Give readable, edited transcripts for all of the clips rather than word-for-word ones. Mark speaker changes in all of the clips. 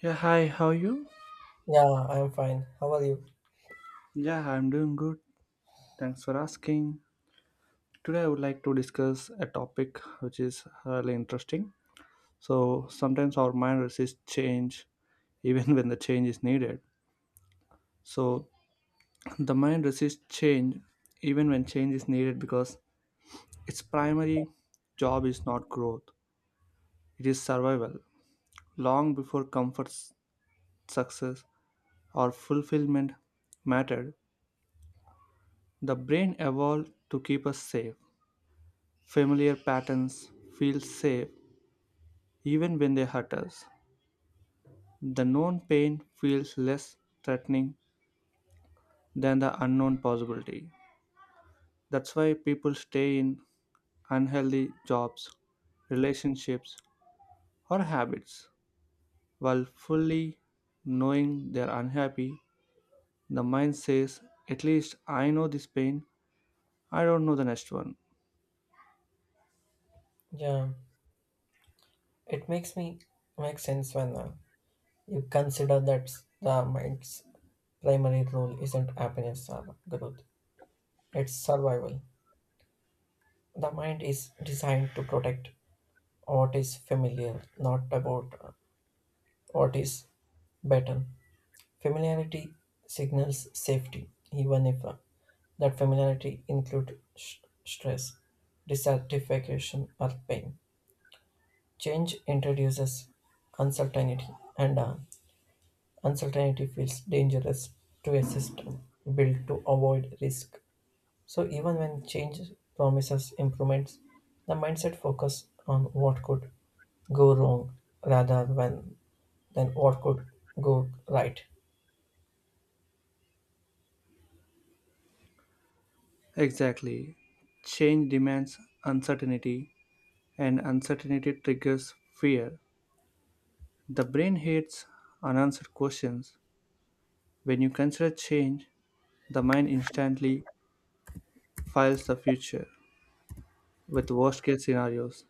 Speaker 1: Yeah, hi, how are you?
Speaker 2: Yeah, I'm fine. How are you?
Speaker 1: Yeah, I'm doing good. Thanks for asking. Today, I would like to discuss a topic which is really interesting. So, sometimes our mind resists change even when the change is needed. So, the mind resists change even when change is needed because its primary job is not growth, it is survival. Long before comfort, success, or fulfillment mattered, the brain evolved to keep us safe. Familiar patterns feel safe even when they hurt us. The known pain feels less threatening than the unknown possibility. That's why people stay in unhealthy jobs, relationships, or habits. While fully knowing they're unhappy, the mind says, at least I know this pain, I don't know the next one.
Speaker 2: Yeah, it makes me make sense when you consider that the mind's primary role isn't happiness or growth; it's survival. The mind is designed to protect what is familiar, not about what is better. Familiarity signals safety, even if that familiarity includes stress, dissatisfaction, or pain. Change introduces uncertainty, and uncertainty feels dangerous to a system built to avoid risk. So, even when change promises improvements, the mindset focuses on what could go wrong rather than, than what could go right.
Speaker 1: Exactly. Change demands uncertainty, and uncertainty triggers fear. The brain hates unanswered questions. When you consider change, the mind instantly files the future with worst case scenarios.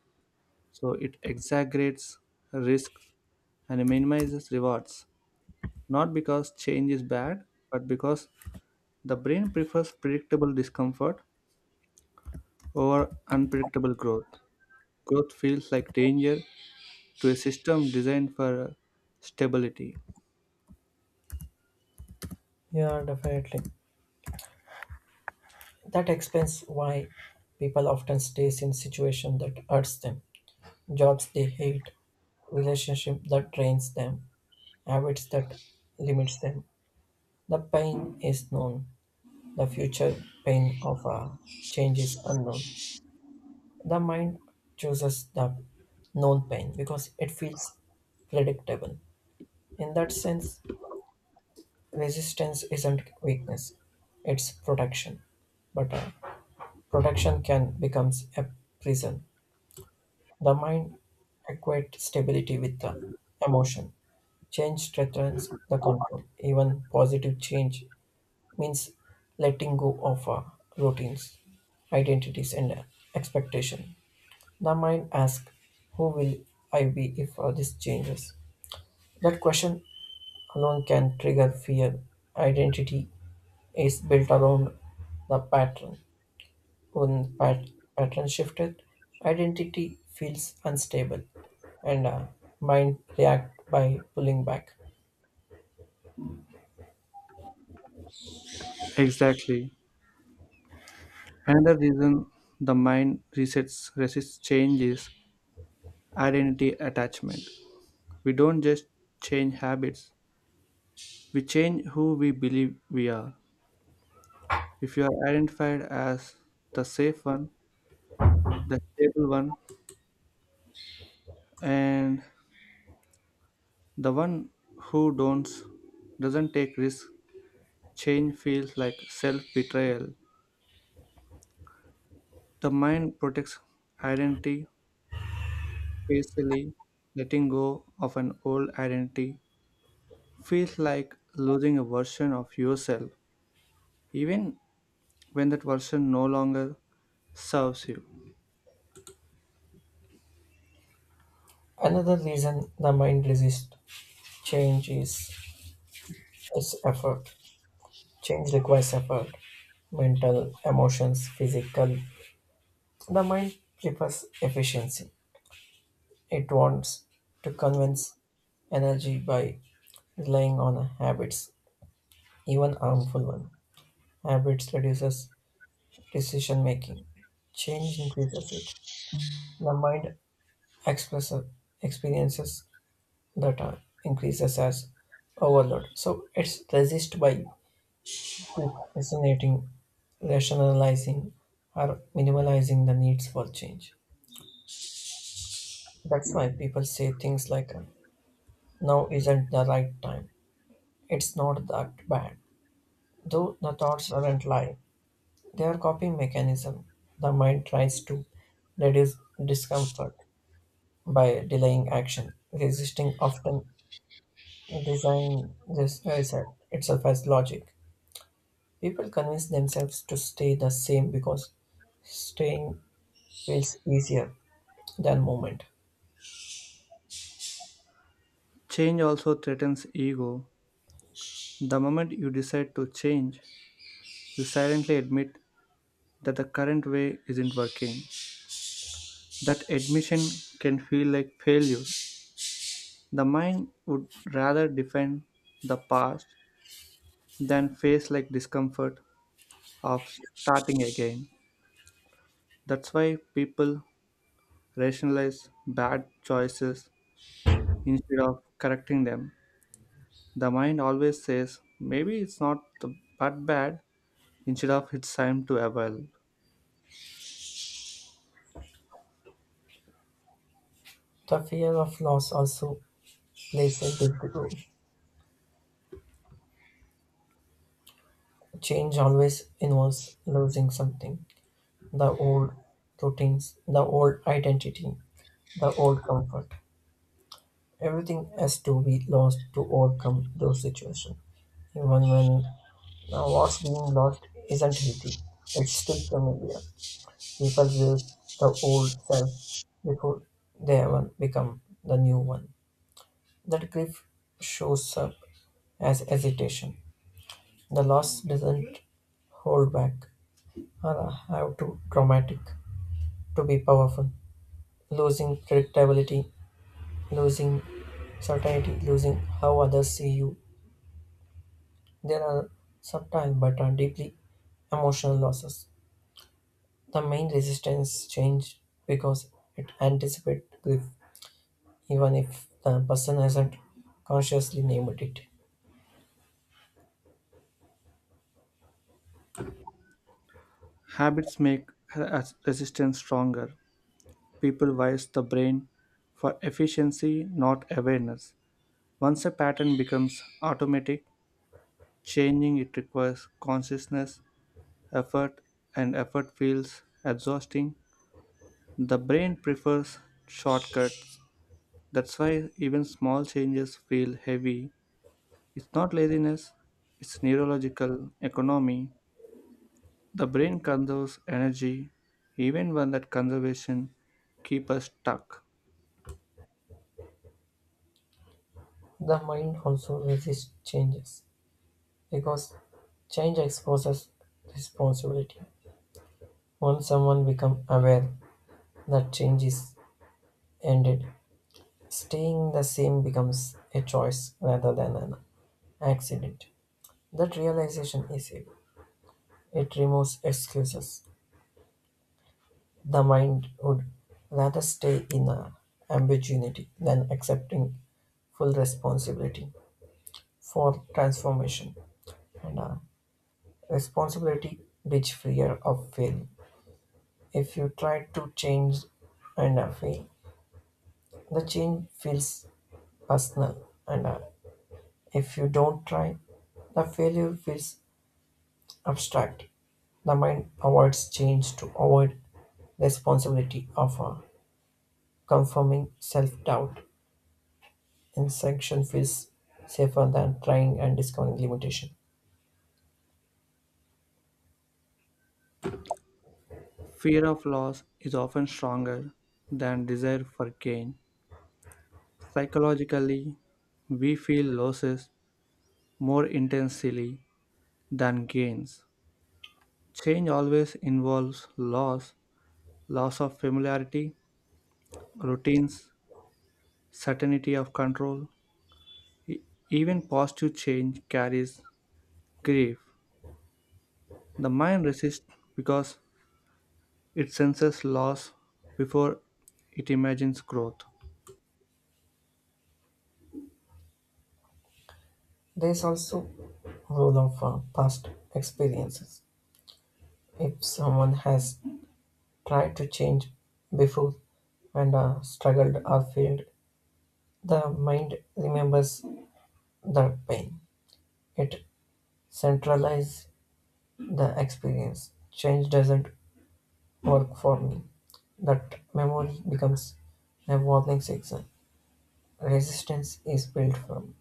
Speaker 1: So it exaggerates risks and minimizes rewards. Not because change is bad, but because the brain prefers predictable discomfort over unpredictable growth. Growth feels like danger to a system designed for stability.
Speaker 2: Yeah, definitely. That explains why people often stays in situation that hurts them, jobs they hate, relationship that drains them, habits that limits them. The pain is known. The future pain of a change is unknown. The mind chooses the known pain because it feels predictable. In that sense, resistance isn't weakness, it's protection. But protection can become a prison. The mind equates stability with the emotion. Change threatens the control. Even positive change means letting go of routines, identities, and expectation. The mind asks, "Who will I be if this changes?" That question alone can trigger fear. Identity is built around the pattern. When pattern shifted, identity feels unstable, and mind react by pulling back.
Speaker 1: Exactly. Another reason the mind resets resists change is identity attachment. We don't just change habits, we change who we believe we are. If you are identified as the safe one, the stable one, and the one who don't doesn't take risks, change feels like self-betrayal. The mind protects identity, basically letting go of an old identity feels like losing a version of yourself, even when that version no longer serves you.
Speaker 2: Another reason the mind resists change is its effort. Change requires effort, mental, emotions, physical. The mind prefers efficiency. It wants to convince energy by relying on habits, even harmful ones. Habits reduces decision making. Change increases it. The mind expresses experiences that are increases as overload. So it's resist by resonating, rationalizing, or minimalizing the needs for change. That's why people say things like, now isn't the right time. It's not that bad. Though the thoughts aren't lying, they are coping mechanism. The mind tries to reduce discomfort by delaying action. Resisting often design this reset itself as logic. People convince themselves to stay the same because staying feels easier than movement.
Speaker 1: Change also threatens ego. The moment you decide to change, you silently admit that the current way isn't working. That admission can feel like failure. The mind would rather defend the past than face like discomfort of starting again. That's why people rationalize bad choices instead of correcting them. The mind always says, maybe it's not the, but bad, instead of it's time to evolve.
Speaker 2: The fear of loss also plays a big role. Change always involves losing something the old routines, the old identity, the old comfort. Everything has to be lost to overcome those situations. Even when what's being lost isn't healthy, it's still familiar. People will the old self before they ever become the new one. That grief shows up as hesitation. The loss doesn't hold back, or have to traumatic to be powerful. Losing predictability, losing certainty, losing how others see you. There are subtle but are deeply emotional losses. The main resistance change because it anticipates grief, even if the person hasn't consciously named it.
Speaker 1: Habits make resistance stronger. People wise the brain for efficiency, not awareness. Once a pattern becomes automatic, changing it requires consciousness, effort, and effort feels exhausting. The brain prefers shortcuts. That's why even small changes feel heavy. It's not laziness, it's neurological economy. The brain conserves energy even when that conservation keeps us stuck.
Speaker 2: The mind also resists changes because change exposes responsibility. Once someone becomes aware that change is ended, staying the same becomes a choice rather than an accident. That realization is it. It removes excuses. The mind would rather stay in a ambiguity than accepting full responsibility for transformation. And Responsibility breeds fear of failure. If you try to change and fail, the change feels personal. And if you don't try, the failure feels abstract. The mind avoids change to avoid the responsibility of a conforming self-doubt. Insertion feels safer than trying and discovering limitation.
Speaker 1: Fear of loss is often stronger than desire for gain. Psychologically, we feel losses more intensely than gains. Change always involves loss, loss of familiarity, routines, certainty of control. E- Even positive change carries grief. The mind resists because it senses loss before it imagines growth.
Speaker 2: There is also role of past experiences. If someone has tried to change before and struggled or failed, the mind remembers the pain. It centralizes the experience. Change doesn't work for me. That memory becomes a warning signal. Resistance is built from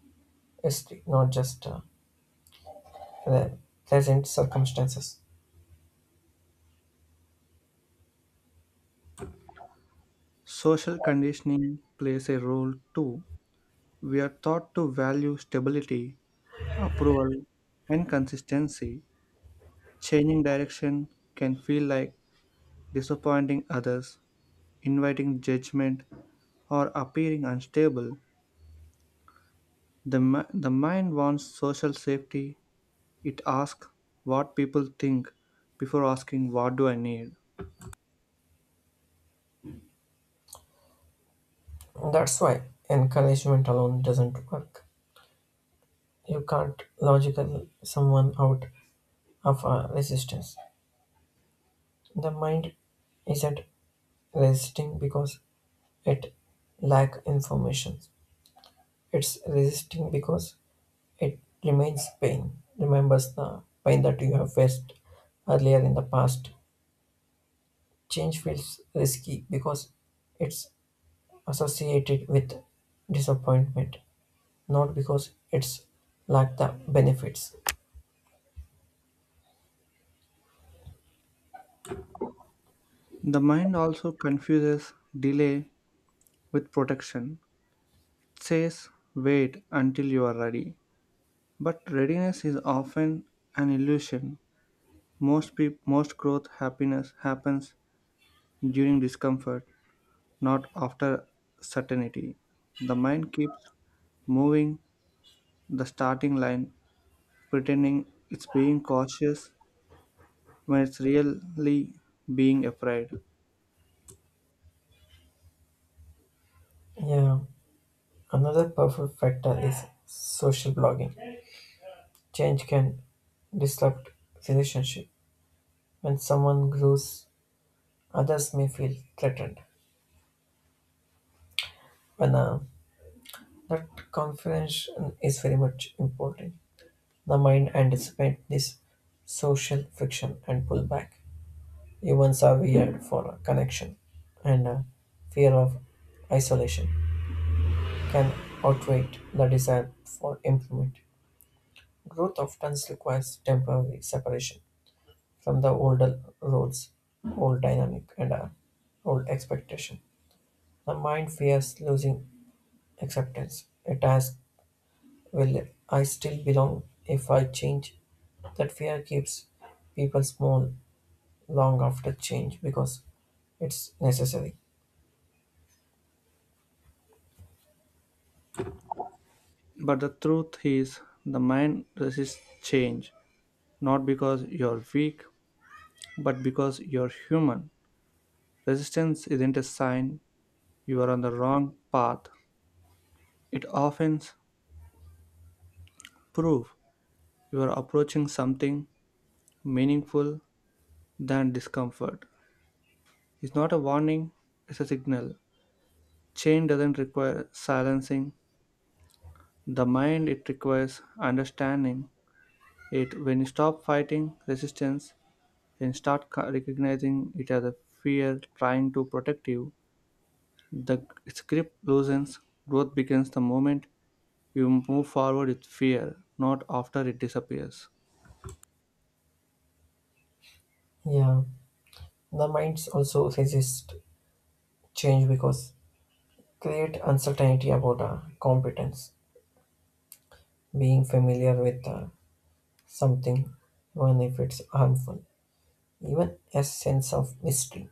Speaker 2: history, not just the present circumstances.
Speaker 1: Social conditioning plays a role too. We are taught to value stability, approval, and consistency. Changing direction can feel like disappointing others, inviting judgment, or appearing unstable. The mind wants social safety. It asks what people think before asking, what do I need?
Speaker 2: That's why encouragement alone doesn't work. You can't logical someone out of a resistance. The mind isn't resisting because it lack information. It's resisting because it remains pain, remembers the pain that you have faced earlier in the past. Change feels risky because it's associated with disappointment, not because it's lack the benefits.
Speaker 1: The mind also confuses delay with protection. It says, wait until you are ready. But readiness is often an illusion. Most growth happiness happens during discomfort, not after certainty. The mind keeps moving the starting line, pretending it's being cautious when it's really being afraid.
Speaker 2: Yeah, another powerful factor is social blogging. Change can disrupt relationship. When someone grows, others may feel threatened. When that confidence is very much important. The mind anticipates this social friction and pull back. Humans are wired for connection, and a fear of isolation can outweigh the desire for improvement. Growth often requires temporary separation from the older roles, old dynamic, and old expectation. The mind fears losing acceptance. It asks, will I still belong if I change? That fear keeps people small long after change because it's necessary.
Speaker 1: But the truth is, the mind resists change, not because you're weak, but because you're human. Resistance isn't a sign you are on the wrong path. It often proves you are approaching something meaningful than discomfort. It's not a warning, it's a signal. Change doesn't require silencing the mind, it requires understanding it. When you stop fighting resistance and start recognizing it as a fear trying to protect you, the script grip loosens, growth begins the moment you move forward with fear, not after it disappears.
Speaker 2: Yeah, the minds also resist change because create uncertainty about competence, being familiar with something, even if it's harmful, even a sense of mystery.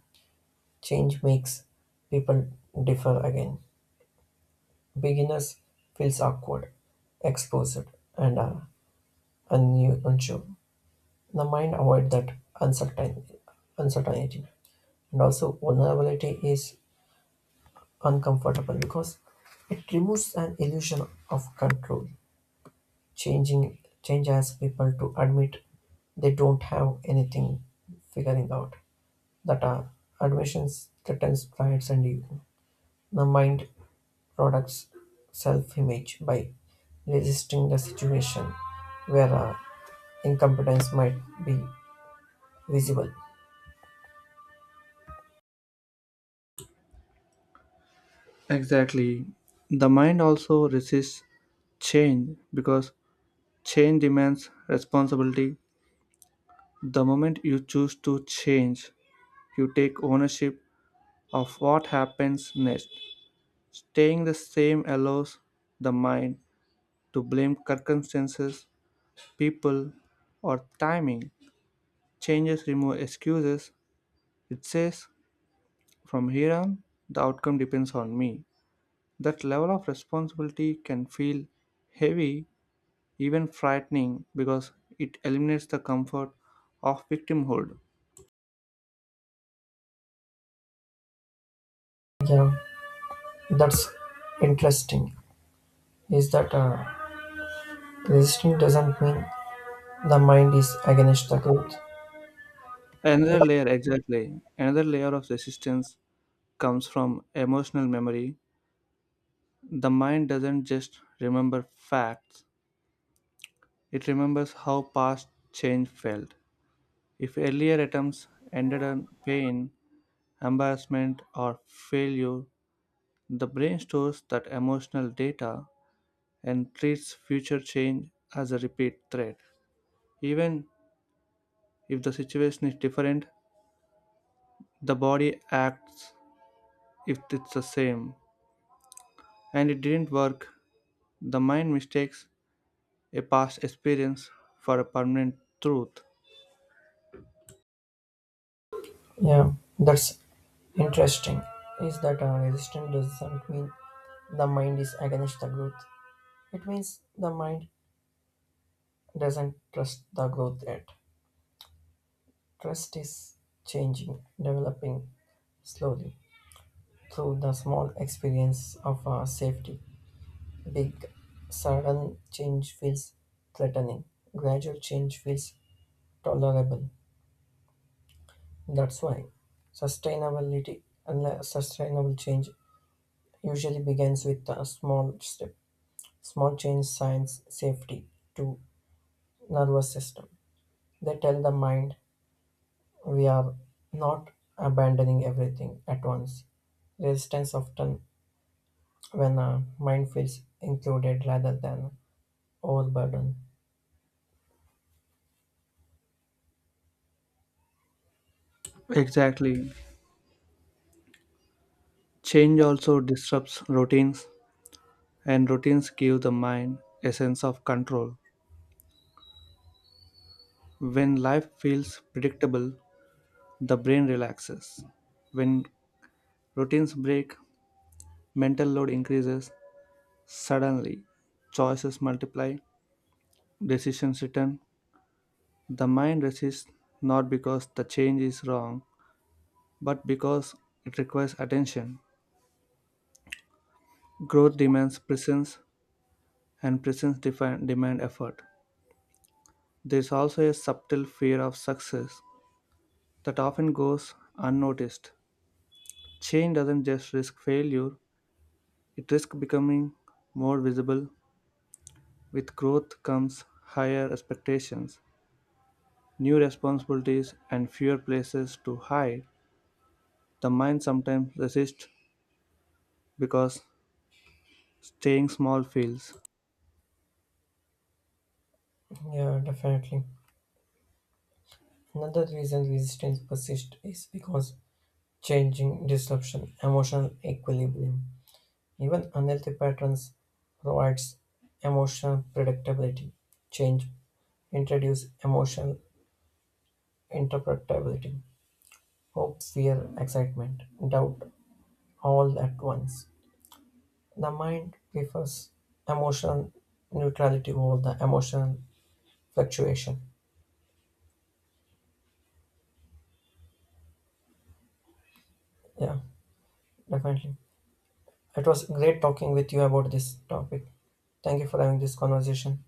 Speaker 2: Change makes people differ again. Beginners feels awkward, exposed, and unsure. The mind avoid that uncertain- uncertainty, and also vulnerability is uncomfortable because it removes an illusion of control, changing changes people to admit they don't have anything figuring out. That are admissions threatens pride and ego. The mind products self-image by resisting the situation where incompetence might be visible.
Speaker 1: Exactly. The mind also resists change because change demands responsibility. The moment you choose to change, you take ownership of what happens next. Staying the same allows the mind to blame circumstances, people, or timing. Changes remove excuses. It says, from here on, the outcome depends on me. That level of responsibility can feel heavy, even frightening, because it eliminates the comfort of victimhood.
Speaker 2: Yeah, that's interesting. Is that resisting doesn't mean the mind is against the truth.
Speaker 1: Another layer, exactly, another layer of resistance comes from emotional memory. The mind doesn't just remember facts, it remembers how past change felt. If earlier attempts ended in pain, embarrassment, or failure, the brain stores that emotional data and treats future change as a repeat threat. Even if the situation is different, the body acts if it's the same and it didn't work. The mind mistakes a past experience for a permanent truth.
Speaker 2: Yeah, that's interesting. Is that resistance doesn't mean the mind is against the growth. It means the mind doesn't trust the growth yet. Trust is changing, developing slowly through the small experience of safety. Big, sudden change feels threatening. Gradual change feels tolerable. That's why sustainability and sustainable change usually begins with a small step. Small change signs safety to nervous system. They tell the mind we are not abandoning everything at once. Resistance often when a mind feels included rather than overburdened.
Speaker 1: Exactly. Change also disrupts routines, and routines give the mind a sense of control. When life feels predictable, the brain relaxes. When routines break, mental load increases suddenly, choices multiply, decisions return. The mind resists not because the change is wrong, but because it requires attention. Growth demands presence, and presence demand effort. There is also a subtle fear of success that often goes unnoticed. Change doesn't just risk failure, it risks becoming more visible. With growth comes higher expectations, new responsibilities and fewer places to hide, the mind sometimes resists because staying small feels
Speaker 2: Yeah, definitely. Another reason resistance persists is because changing disruption, emotional equilibrium. Even unhealthy patterns provides emotional predictability. Change introduce emotional interpretability: hope, fear, excitement, doubt, all at once. The mind prefers emotional neutrality over the emotional fluctuation. Yeah, definitely. It was great talking with you about this topic. Thank you for having this conversation.